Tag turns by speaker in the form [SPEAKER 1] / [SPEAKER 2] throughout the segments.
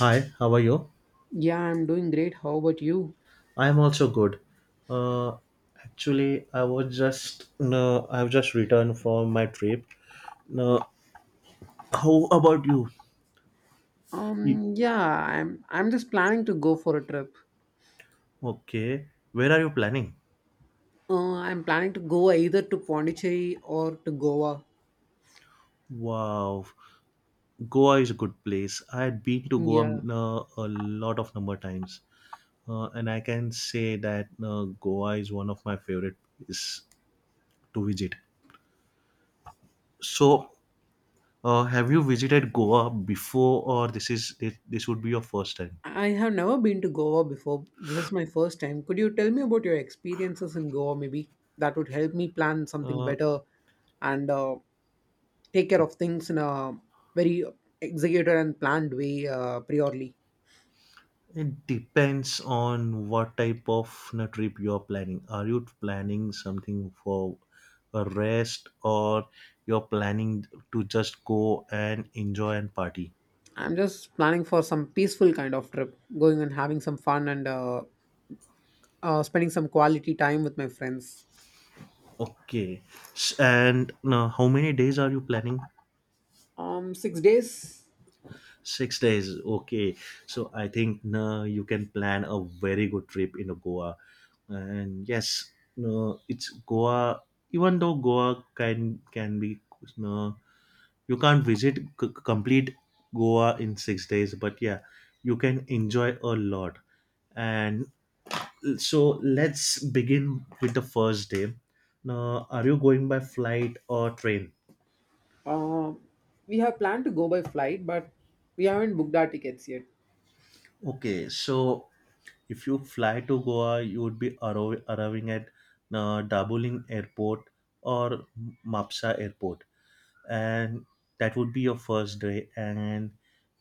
[SPEAKER 1] Hi, how are you?
[SPEAKER 2] Yeah, I'm doing great. How about you?
[SPEAKER 1] I am also good. Uh, Actually, I've just returned from my trip. No, how about you? Y-
[SPEAKER 2] Yeah, I'm just planning to go for a trip.
[SPEAKER 1] Okay, where are you planning?
[SPEAKER 2] I'm planning to go either to Pondicherry or to Goa.
[SPEAKER 1] Wow, Goa is a good place. I had been to Goa
[SPEAKER 2] Yeah.
[SPEAKER 1] no, a lot of number times, and I can say that no, Goa is one of my favorite places to visit. So, have you visited Goa before, or this would be your first time?
[SPEAKER 2] I have never been to Goa before. This is my first time. Could you tell me about your experiences in Goa maybe? That would help me plan something
[SPEAKER 1] Uh,
[SPEAKER 2] better and take care of things in a very executed and planned way priorly.
[SPEAKER 1] It depends on what type of trip you are planning. Are you planning something for a rest, or you're planning to just go and enjoy and party?
[SPEAKER 2] I'm just planning for some peaceful kind of trip, going and having some fun and spending some quality time with my friends.
[SPEAKER 1] Okay. And how many days are you planning?
[SPEAKER 2] 6 days.
[SPEAKER 1] 6 days. Okay. So I think you can plan a very good trip in Goa. And yes, no, it's Goa. Even though Goa can be no, you can't visit complete goa in 6 days, but yeah, you can enjoy a lot. And so let's begin with the first day. Now, are you going by flight or train?
[SPEAKER 2] Uh, we have planned to go by flight, but we haven't booked our tickets yet.
[SPEAKER 1] Okay, so if you fly to Goa, you would be arriving at Dabuling airport or Mapsa airport, and that would be your first day. And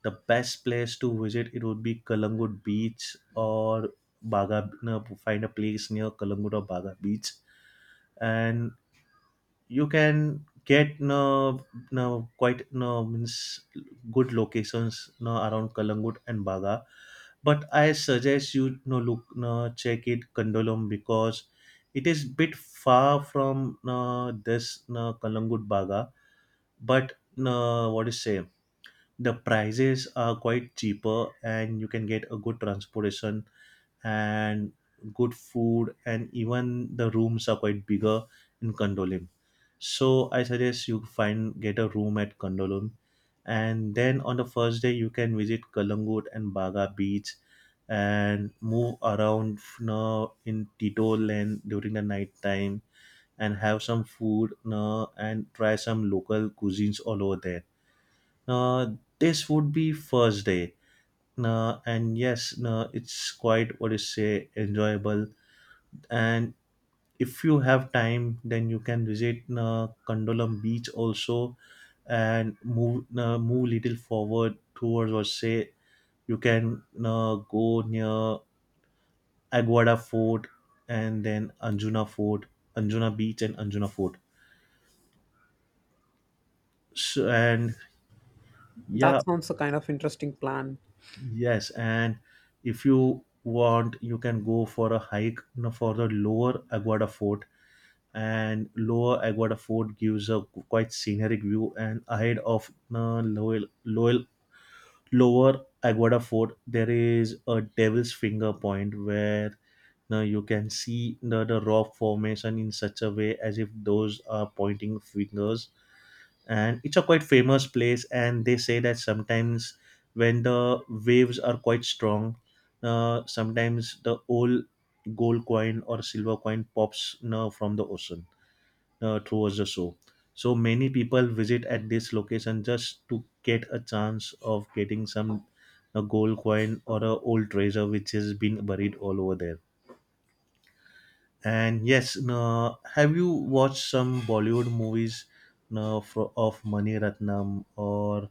[SPEAKER 1] the best place to visit, it would be Kalangut Beach or Baga. No, find a place near Kalangut or Baga Beach, and you can get no, no quite no means good locations no around Kalangut and Baga. But I suggest you no look no check it Kandolom, because it is bit far from no, this no, Kalangut Baga. But what is say, the prices are quite cheaper, and you can get a good transportation and good food, and even the rooms are quite bigger in Condolim. So I suggest you find get a room at Condolim. And then on the first day, you can visit Kalangut and Baga Beach and move around, you know, in Tito Land during the night time, and have some food, you know, and try some local cuisines all over there. This would be first day. And yes, it's quite what is say enjoyable. And if you have time, then you can visit Condolam Beach also, and move little forward, towards or say you can go near Aguada Fort, and then Anjuna Fort, Anjuna Beach, and Anjuna Fort. So, and yeah.
[SPEAKER 2] That sounds a kind of interesting plan.
[SPEAKER 1] Yes, and if you want, you can go for a hike, you know, for the Lower Aguada Fort. And Lower Aguada Fort gives a quite scenic view. And ahead of lower Aguada Fort, there is a Devil's Finger Point, where you can see the rock formation in such a way as if those are pointing fingers. And it's a quite famous place, and they say that sometimes when the waves are quite strong, sometimes the old gold coin or silver coin pops, you know, from the ocean, towards the shore. So many people visit at this location just to get a chance of getting some a gold coin or a old treasure which has been buried all over there. And yes, have you watched some Bollywood movies, of Mani Ratnam, or,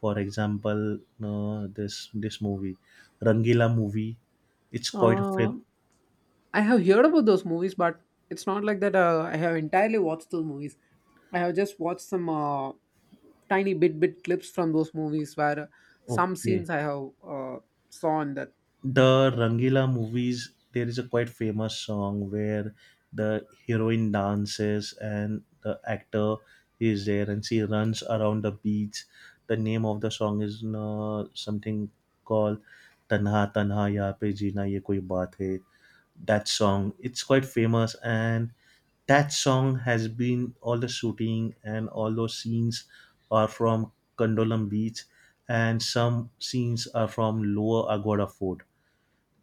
[SPEAKER 1] for example, this movie, Rangila movie? It's quite a
[SPEAKER 2] Uh,
[SPEAKER 1] film.
[SPEAKER 2] I have heard about those movies, but it's not like that. I have entirely watched those movies. I have just watched some tiny bit clips from those movies where some
[SPEAKER 1] Okay.
[SPEAKER 2] scenes I have saw in that.
[SPEAKER 1] The Rangila movies, there is a quite famous song where the heroine dances and the actor is there, and she runs around the beach. The name of the song is something called Tanha Tanha Ya Pe Jeena Ye Koi Baat Hai. That song, it's quite famous, and that song has been all the shooting and all those scenes are from Condolam Beach, and some scenes are from Lower Agoda Fort.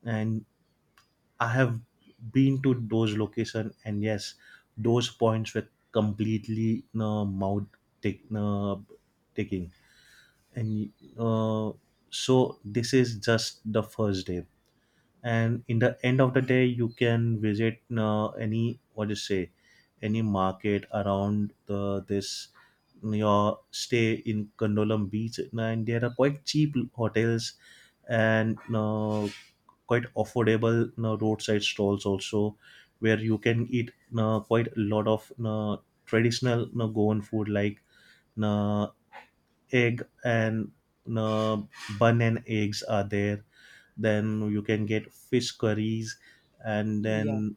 [SPEAKER 1] And I have been to those location, and yes, those points were completely take, uh, taking. And uh, so this is just the first day, and in the end of the day, you can visit any what do you say, any market around the this your stay in Condolam Beach. And there are quite cheap hotels, and quite affordable you roadside stalls also, where you can eat you quite a lot of you traditional you Goan food, like you egg and you bun and eggs are there. Then you can get fish curries, and
[SPEAKER 2] Yeah.
[SPEAKER 1] then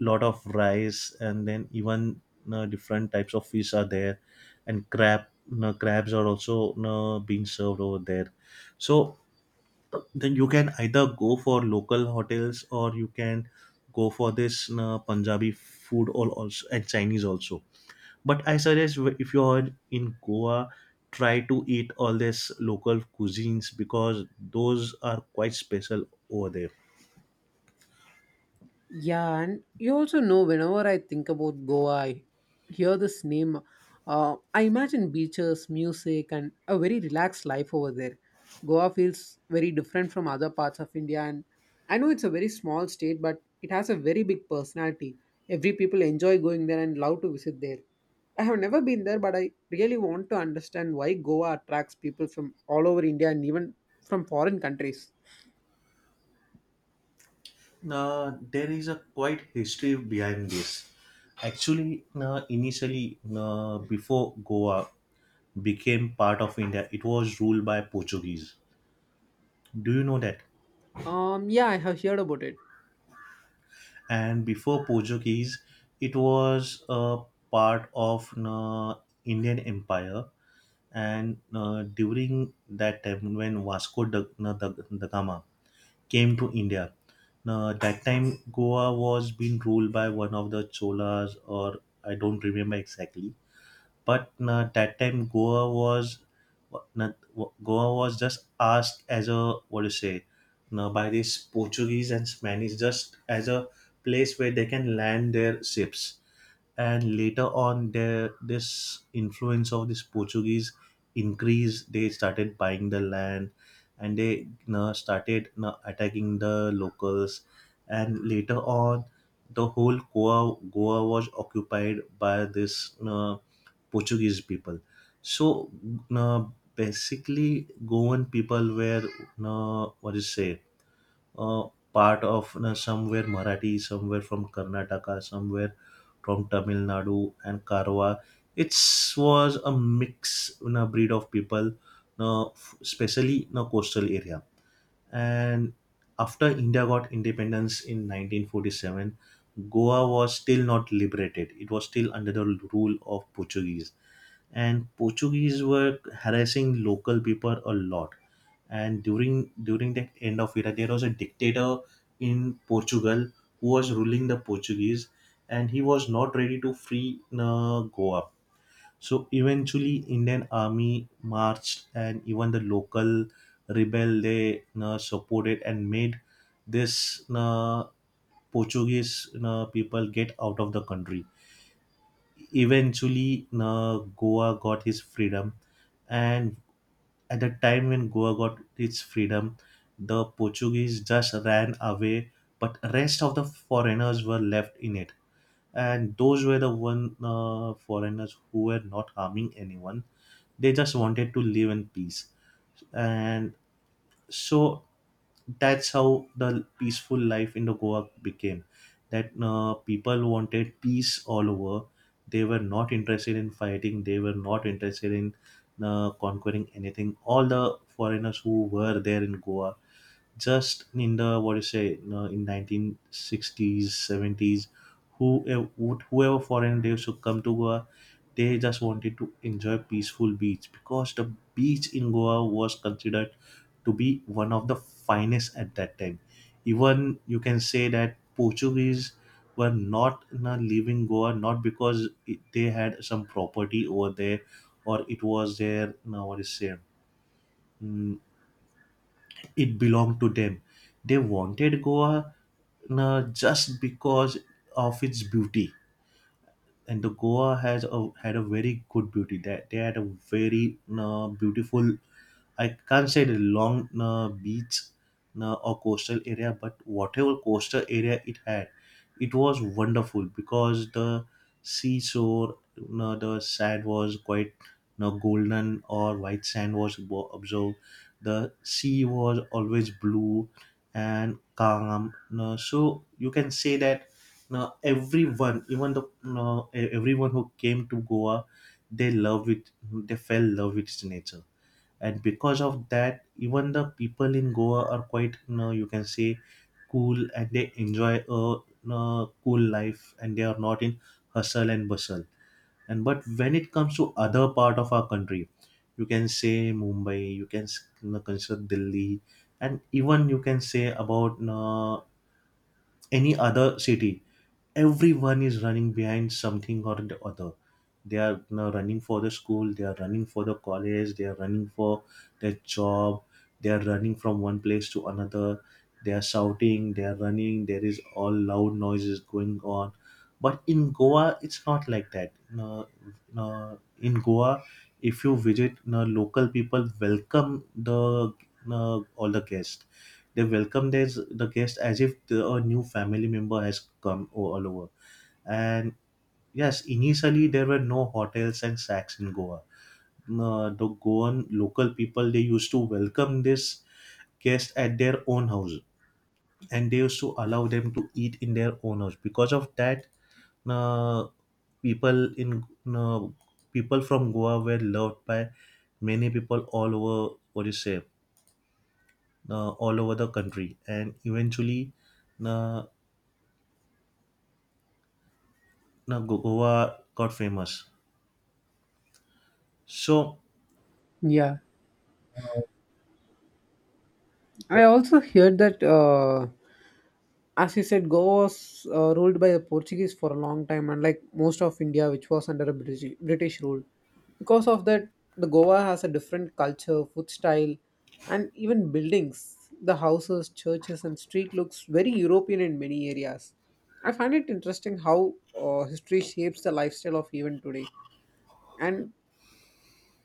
[SPEAKER 1] lot of rice, and then even you different types of fish are there, and crab, you crabs are also you being served over there. So then you can either go for local hotels, or you can go for this Punjabi food, or also, and Chinese also. But I suggest, if you are in Goa, try to eat all this local cuisines, because those are quite special over there.
[SPEAKER 2] Yeah, and you also know whenever I think about Goa, I hear this name. I imagine beaches, music, and a very relaxed life over there. Goa feels very different from other parts of India, and I know it's a very small state, but it has a very big personality. Every people enjoy going there and love to visit there. I have never been there, but I really want to understand why Goa attracts people from all over India and even from foreign countries.
[SPEAKER 1] There is a quite history behind this. Actually, initially before Goa became part of India, it was ruled by Portuguese. Do you know that?
[SPEAKER 2] Yeah, I have heard about it.
[SPEAKER 1] And before Portuguese, it was a part of the Indian Empire. And during that time, when Vasco da Gama came to India, that time Goa was being ruled by one of the Cholas, or I don't remember exactly. But that time Goa was not, Goa was just asked as a what do you say now by these Portuguese and Spanish, just as a place where they can land their ships. And later on, their this influence of this Portuguese increased. They started buying the land, and they, you know, started, you know, attacking the locals. And later on, the whole Goa was occupied by this Portuguese people. So uh, basically, Goan people were what do you say, uh, part of somewhere Marathi, somewhere from Karnataka, somewhere from Tamil Nadu and Karwa. It was a mix, you breed of people, especially in the coastal area. And after India got independence in 1947, Goa was still not liberated. It was still under the rule of Portuguese, and Portuguese were harassing local people a lot. And during the end of era, there was a dictator in Portugal who was ruling the Portuguese, and he was not ready to free Goa. So eventually, Indian army marched, and even the local rebel, they supported and made this Portuguese people get out of the country. Eventually, Goa got his freedom. And at the time when Goa got its freedom, the Portuguese just ran away, but rest of the foreigners were left in it. And those were the one foreigners who were not harming anyone. They just wanted to live in peace. And so that's how the peaceful life in the Goa became. That people wanted peace all over. They were not interested in fighting, they were not interested in conquering anything. All the foreigners who were there in Goa, just in the what do you say, you know, in 1960s 70s, whoever foreign they used to come to Goa, they just wanted to enjoy peaceful beach, because the beach in Goa was considered to be one of the finest at that time. Even you can say that Portuguese were not, you know, leaving Goa, not because it, they had some property over there, or it was their, you know, what is say, mm, it belonged to them. They wanted Goa just because of its beauty. And the Goa has a, had a very good beauty. That they had a very beautiful, I can't say the long beach or coastal area, but whatever coastal area it had, it was wonderful, because the seashore, the sand was quite golden or white sand was observed. The sea was always blue and calm. So you can say that now everyone, even everyone who came to Goa, they love it. They fell in love with its nature, and because of that, even the people in Goa are quite now you can say cool, and they enjoy a cool life, and they are not in hustle and bustle. And but when it comes to other part of our country, you can say Mumbai, you can you know, consider Delhi, and even you can say about any other city, everyone is running behind something or the other. They are now running for the school, they are running for the college, they are running for their job, they are running from one place to another, they are shouting, they are running, there is all loud noises going on. But in Goa, it's not like that. No, no, in Goa, if you visit, no, local people welcome the no, all the guests. They welcome this, the guest as if a new family member has come all over. And yes, initially there were no hotels and shacks in Goa. The Goan local people they used to welcome this guest at their own house, and they used to allow them to eat in their own house. Because of that, uh, people in uh, people from Goa were loved by many people all over. What do you say? All over the country, and eventually, uh, Goa got famous. So,
[SPEAKER 2] Yeah. I also heard that, as you said, Goa was ruled by the Portuguese for a long time, and like most of India, which was under a British rule. Because of that, the Goa has a different culture, food style, and even buildings. The houses, churches, and street looks very European in many areas. I find it interesting how history shapes the lifestyle of even today. And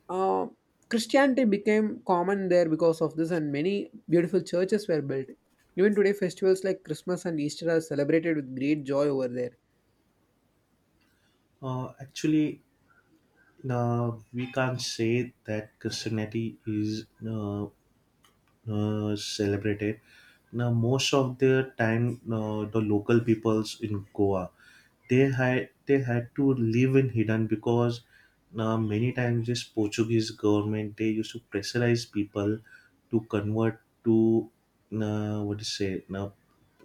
[SPEAKER 2] uh, Christianity became common there because of this, and many beautiful churches were built. Even today, festivals like Christmas and Easter are celebrated with great joy over there.
[SPEAKER 1] actually, we can't say that Christianity is celebrated. Now, most of the time, the local peoples in Goa they had to live in hidden, because many times this Portuguese government they used to pressurize people to convert to, what is say now,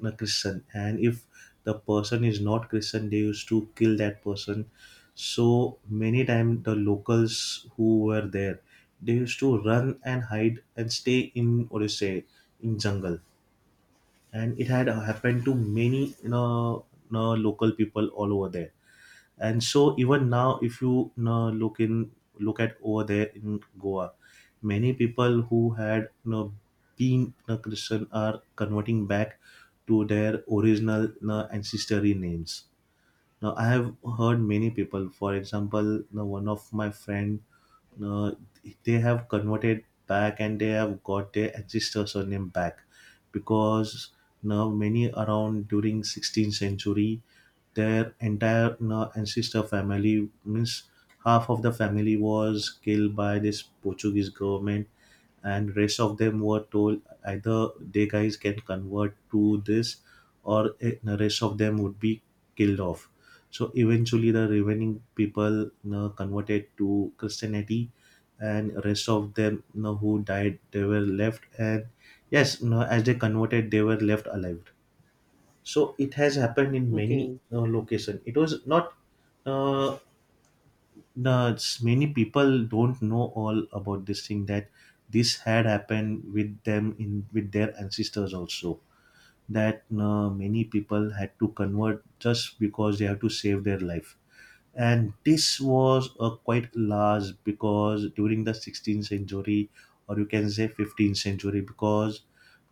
[SPEAKER 1] Christian, and if the person is not Christian they used to kill that person. So many times the locals who were there they used to run and hide and stay in what is say, in jungle. And it had happened to many, local people all over there. And so even now, if you look at over there in Goa, many people who had been Christian are converting back to their original, ancestry names. Now I have heard many people, for example, one of my friend, uh, they have converted back and they have got their ancestor surname back. Because now many, around during 16th century, their entire you ancestor family, means half of the family was killed by this Portuguese government, and rest of them were told either they guys can convert to this, or the rest of them would be killed off. So eventually the remaining people, converted to Christianity, and rest of them, who died, they were left. And yes, as they converted they were left alive. So it has happened in many
[SPEAKER 2] Okay.
[SPEAKER 1] location. It was not. Uh, the many people don't know all about this thing, that this had happened with them in with their ancestors also. That many people had to convert just because they have to save their life. And this was a quite large because during the 16th century, or you can say 15th century, because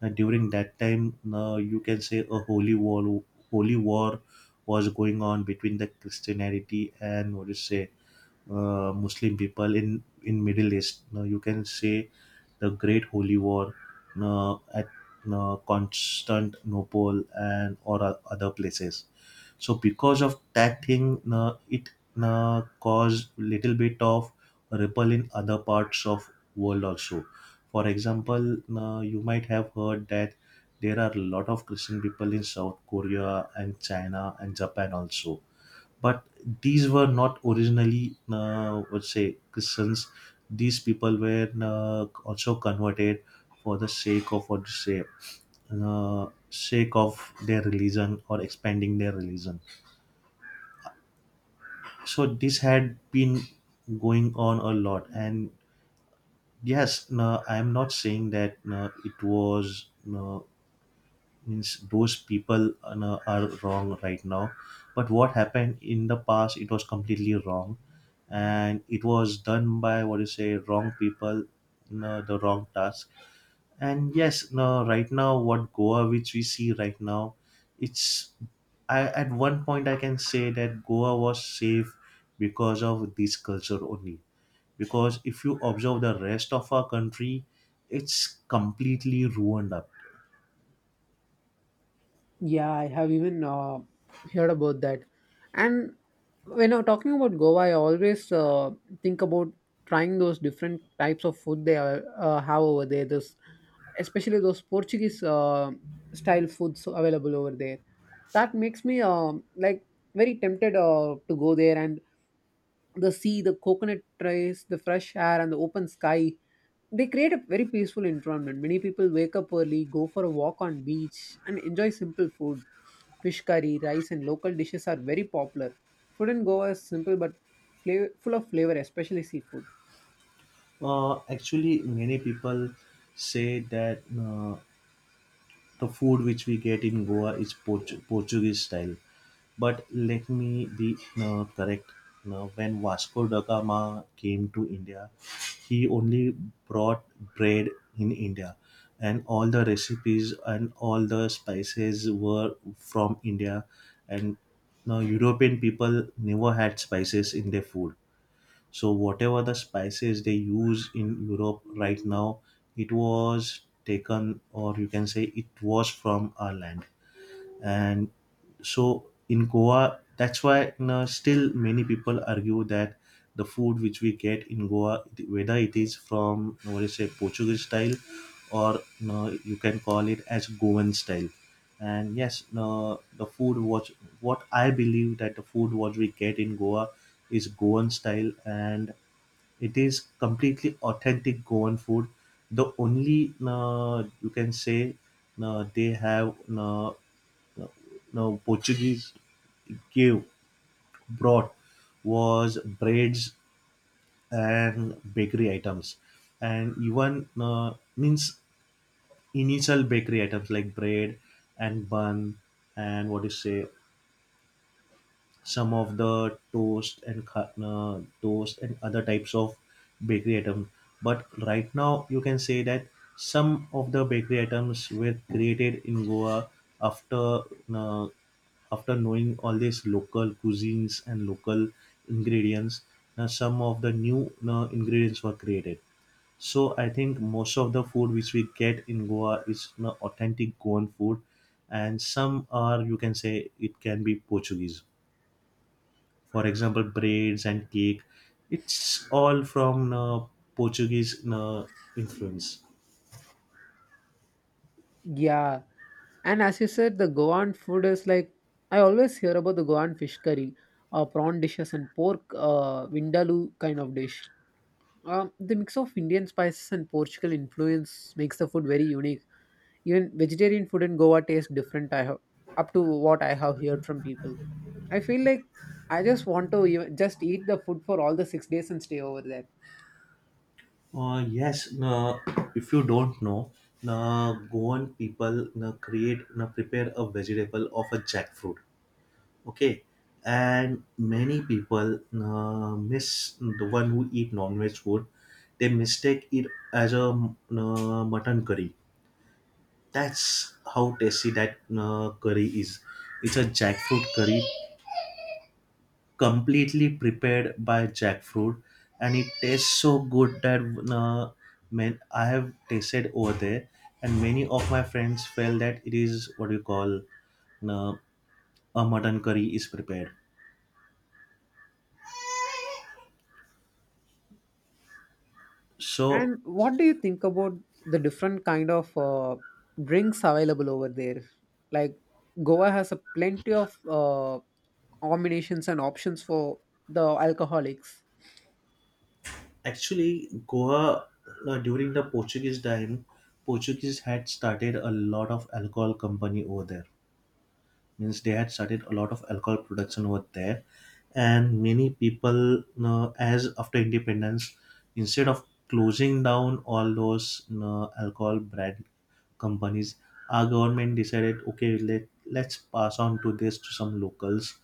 [SPEAKER 1] during that time, you can say a holy war was going on between the Christianity and what do you say, Muslim people in Middle East. Now you can say the Great Holy War, at, Constantinople and or o- other places. So because of that thing, it caused little bit of ripple in other parts of world also. For example, you might have heard that there are a lot of Christian people in South Korea and China and Japan also, but these were not originally, would say, Christians. These people were also converted, for the sake of what to say, sake of their religion or expanding their religion. So this had been going on a lot. And yes, no, I am not saying that, no, it was, no, means those people no, are wrong right now, but what happened in the past, it was completely wrong, and it was done by what you say wrong people, no, the wrong task. And yes, no, right now, what Goa which we see right now, it's, at one point I can say that Goa was safe because of this culture only. Because if you observe the rest of our country, it's completely ruined up.
[SPEAKER 2] Yeah, I have even heard about that. And when I'm talking about Goa, I always think about trying those different types of food they are, have over there. This, especially those Portuguese style foods available over there. That makes me like very tempted to go there and the sea, the coconut trees, the fresh air, and the open sky. They create a very peaceful environment. Many people wake up early, go for a walk on beach, and enjoy simple food. Fish curry, rice, and local dishes are very popular. Food in Goa is simple but flavor, full of flavor, especially seafood.
[SPEAKER 1] Actually, many people say that the food which we get in Goa is Portuguese style. But let me be correct. Now, when Vasco da Gama came to India, he only brought bread in India, and all the recipes and all the spices were from India. And now, European people never had spices in their food, so whatever the spices they use in Europe right now, it was taken, or you can say it was from our land. And so in Goa, that's why, still many people argue that the food which we get in Goa, whether it is from what is do Portuguese style, or you can call it as Goan style. And yes, no, the food was what I believe, that the food what we get in Goa is Goan style, and it is completely authentic Goan food. The only you can say, they have, Portuguese gave brought was breads and bakery items, and even means initial bakery items like bread and bun and what you say, some of the toast and toast and other types of bakery items. But right now, you can say that some of the bakery items were created in Goa, after uh, after knowing all these local cuisines and local ingredients. Now some of the new ingredients were created. So I think most of the food which we get in Goa is authentic Goan food, and some are, you can say, it can be Portuguese. For example, braids and cake, it's all from Portuguese uh, influence.
[SPEAKER 2] Yeah. And as you said, the Goan food is like I always hear about the Goan fish curry, prawn dishes, and pork vindaloo kind of dish. The mix of Indian spices and Portugal influence makes the food very unique. Even vegetarian food in Goa tastes different. I have up to what I have heard from people. I feel like I just want to even, just eat the food for all the 6 days and stay over there.
[SPEAKER 1] Yes, if you don't know, Goan people create prepare a vegetable of a jackfruit. Okay. And many people, miss the one who eat non-veg food, they mistake it as a mutton curry. That's how tasty that curry is. It's a jackfruit curry, completely prepared by jackfruit, and it tastes so good that, uh, man, I have tasted over there, and many of my friends felt that it is, what you call, uh, a mutton curry is prepared. So,
[SPEAKER 2] And what do you think about the different kind of drinks available over there? Like Goa has a plenty of combinations and options for the alcoholics.
[SPEAKER 1] actually, Goa, during the Portuguese time, Portuguese had started a lot of alcohol company over there, means they had started a lot of alcohol production over there, and many people, as after independence, instead of closing down all those, alcohol brand companies, our government decided, okay, let's pass on to this to some locals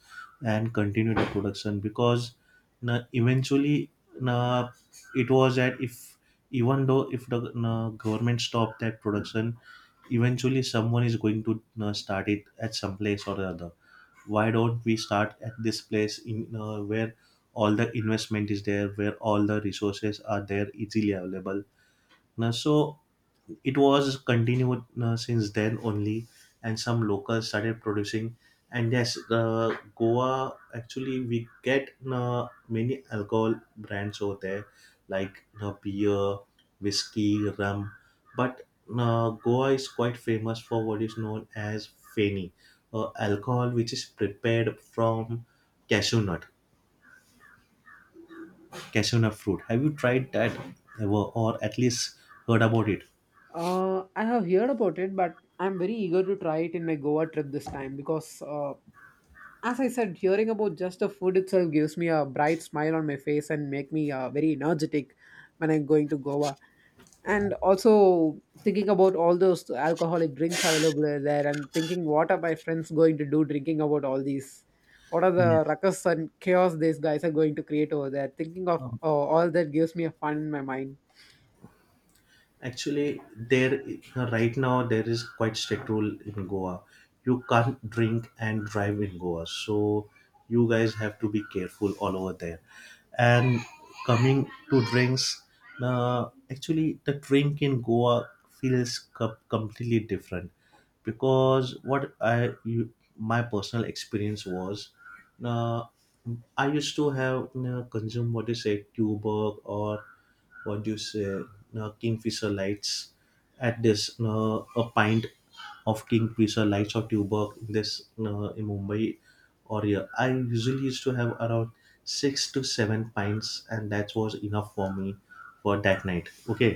[SPEAKER 1] and continue the production. Because, na, eventually, na, it was that, if even though if the, na, government stopped that production, eventually someone is going to start it at some place or the other, why don't we start at this place in where all the investment is there, where all the resources are there easily available. Now, so it was continued since then only, and some locals started producing. And yes, Goa, actually we get many alcohol brands over there, like beer, whiskey, rum. But Goa is quite famous for what is known as feni, alcohol which is prepared from cashew nut, cashew nut fruit. Have you tried that ever, or at least heard about it?
[SPEAKER 2] I have heard about it, but I'm very eager to try it in my Goa trip this time because, as I said, hearing about just the food itself gives me a bright smile on my face and make me very energetic when I'm going to Goa. And also thinking about all those alcoholic drinks available there and thinking what are my friends going to do drinking about all these. What are the
[SPEAKER 1] Yes.
[SPEAKER 2] ruckus and chaos these guys are going to create over there? Thinking of all that gives me a fun in my mind.
[SPEAKER 1] Actually, there right now there is quite strict rule in Goa. You can't drink and drive in Goa, so you guys have to be careful all over there. And coming to drinks, actually the drink in Goa feels completely different, because my personal experience was, uh, I used to have you consume what you say tuber, or what do you say, no, Kingfisher lights, at this, no, a pint of Kingfisher lights or tuber in this, no, in Mumbai or here, I usually used to have around 6 to 7 pints, and that was enough for me for that night. Okay.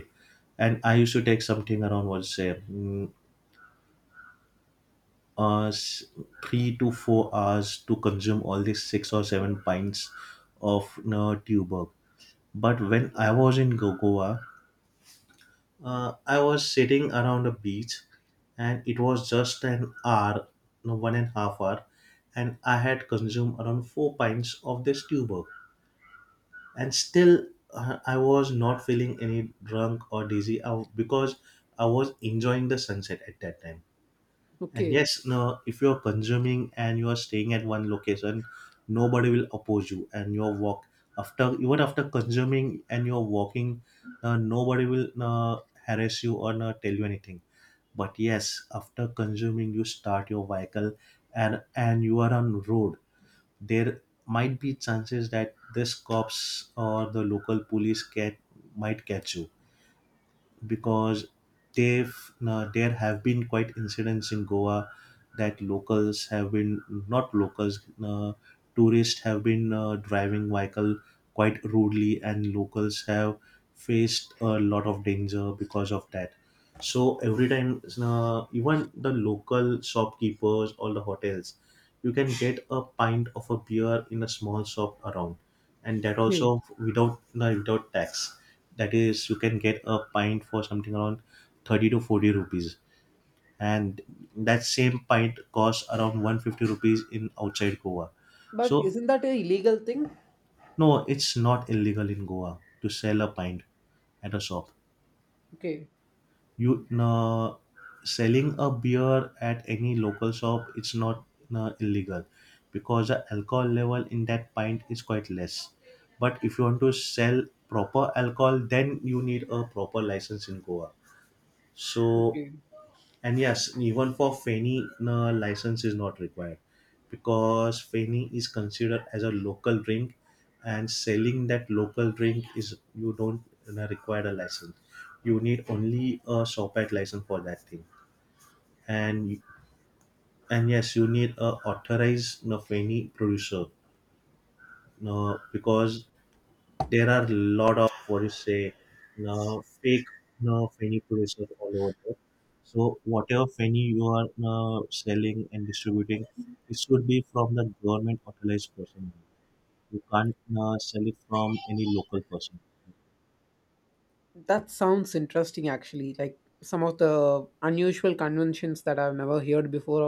[SPEAKER 1] And I used to take something around, what say, uh, s- 3 to 4 hours to consume all these 6 or 7 pints of, no, tuber. But when I was in Goa, I was sitting around a beach, and it was just an hour, no, 1.5 hour, and I had consumed around 4 pints of this tuber. And still, I was not feeling any drunk or dizzy, because I was enjoying the sunset at that time. And
[SPEAKER 2] Okay,
[SPEAKER 1] yes, no, if you're consuming and you're staying at one location, nobody will oppose you. And your walk after, even after consuming and you're walking, nobody will harass you or tell you anything. But yes, after consuming, you start your vehicle, and you are on road. There might be chances that this cops or the local police can might catch you, because they've there have been quite incidents in Goa, that locals have been, not locals, tourists have been driving vehicle quite rudely, and locals have faced a lot of danger because of that. So every time, even the local shopkeepers or the hotels, you can get a pint of a beer in a small shop around, and that
[SPEAKER 2] okay.
[SPEAKER 1] also without tax. That is, you can get a pint for something around 30 to 40 rupees, and that same pint costs around 150 rupees in outside Goa.
[SPEAKER 2] But
[SPEAKER 1] So,
[SPEAKER 2] isn't that a illegal thing?
[SPEAKER 1] no, it's not illegal in Goa to sell a pint at a shop.
[SPEAKER 2] Okay,
[SPEAKER 1] You know, selling a beer at any local shop it's not illegal, because the alcohol level in that pint is quite less. But if you want to sell proper alcohol, then you need a proper license in Goa, so.
[SPEAKER 2] okay.
[SPEAKER 1] And yes, even for Feni, no, license is not required, because Feni is considered as a local drink, and selling that local drink is, you don't require a license. You need only a SOPAC license for that thing, and and yes, you need a authorized, Feni producer, because there are a lot of what you say fake fanny producers all over there. So whatever fanny you are selling and distributing, it should be from the government authorized person. You can't sell it from any local person.
[SPEAKER 2] That sounds interesting actually. Like some of the unusual conventions that I've never heard before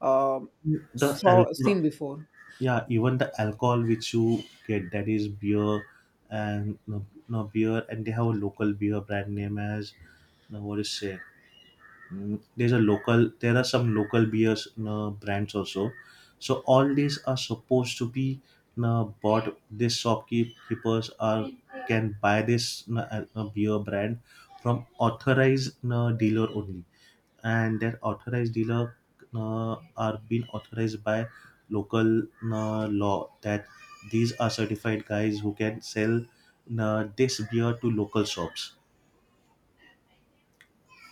[SPEAKER 2] or um
[SPEAKER 1] The
[SPEAKER 2] saw
[SPEAKER 1] alcohol,
[SPEAKER 2] seen before.
[SPEAKER 1] yeah, even the alcohol which you get, that is beer, and no, no beer, and they have a local beer brand name as, no, what is say, mm, there's a local there are some local beers brands also, so all these are supposed to be, bought. This shopkeepers are can buy this beer brand from authorized dealer only, and that authorized dealer are being authorized by local law, that these are certified guys who can sell this beer to local shops.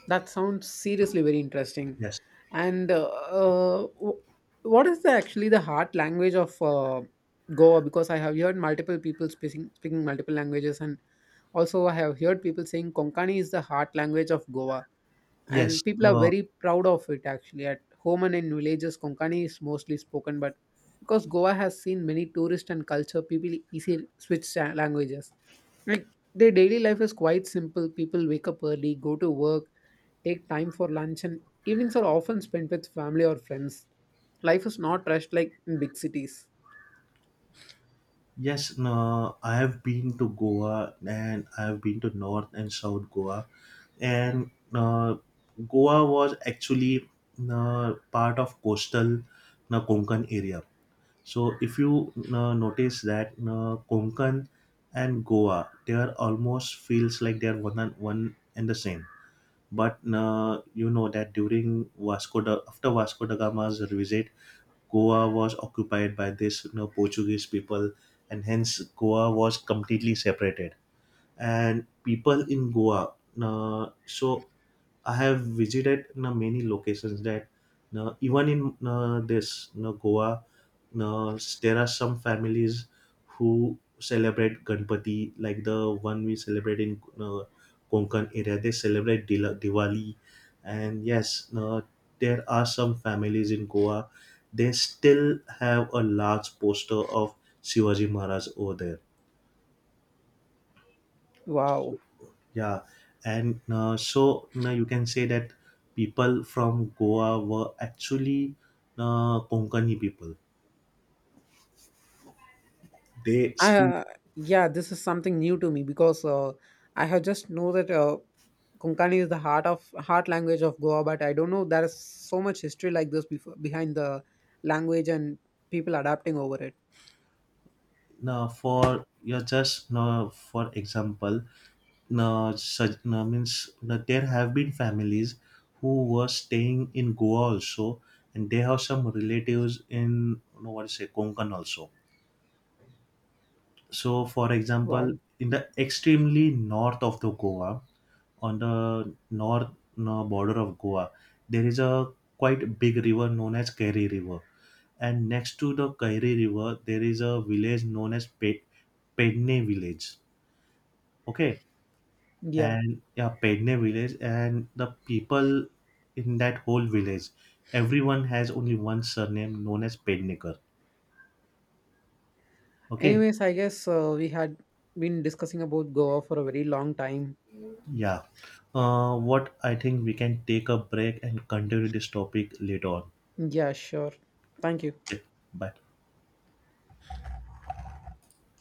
[SPEAKER 2] That sounds seriously very interesting.
[SPEAKER 1] Yes,
[SPEAKER 2] And what is the, actually the heart language of Goa? Because I have heard multiple people speaking multiple languages, and also I have heard people saying Konkani is the heart language of Goa.
[SPEAKER 1] yes,
[SPEAKER 2] And people are
[SPEAKER 1] no.
[SPEAKER 2] very proud of it actually. At home and in villages Konkani is mostly spoken, but because Goa has seen many tourists and culture, people easily switch languages. Like, their daily life is quite simple. People wake up early, go to work, take time for lunch, and evenings are often spent with family or friends. Life is not rushed like in big cities.
[SPEAKER 1] Yes, no, I have been to Goa, and I have been to North and South Goa, and Goa was actually part of coastal Konkan area. So if you notice that, Konkan and Goa, they are almost, feels like, they are one and the same. But you know that during after Vasco da Gama's visit, Goa was occupied by this, Portuguese people, and hence Goa was completely separated. And people in Goa, so I have visited, many locations, that even in, this, Goa, there are some families who celebrate Ganpati, like the one we celebrate in, Konkan area. They celebrate Diwali, and yes, there are some families in Goa. They still have a large poster of Shivaji Maharaj over there.
[SPEAKER 2] Wow.
[SPEAKER 1] Yeah, and so now you can say that people from Goa were actually Konkani people. They
[SPEAKER 2] I,
[SPEAKER 1] speak,
[SPEAKER 2] Yeah, this is something new to me because I have just know that Konkani is the heart language of Goa, but I don't know there is so much history like this before behind the language and people adapting over it.
[SPEAKER 1] for just for example, means that there have been families who were staying in Goa also, and they have some relatives in, what is say, Konkan also. So, for example,
[SPEAKER 2] Wow.
[SPEAKER 1] in the extremely north of the Goa, on the north border of Goa, there is a quite big river known as Kairi River, and next to the Kairi River, there is a village known as Pedne village. Okay,
[SPEAKER 2] Yeah.
[SPEAKER 1] and yeah, Pedne village, and the people in that whole village, everyone has only one surname known as Pednekar. Okay.
[SPEAKER 2] Anyways, I guess we had been discussing about Goa for a very long time.
[SPEAKER 1] Yeah. What I think, we can take a break and continue this topic later on.
[SPEAKER 2] Yeah, sure. Thank you.
[SPEAKER 1] Okay. Bye.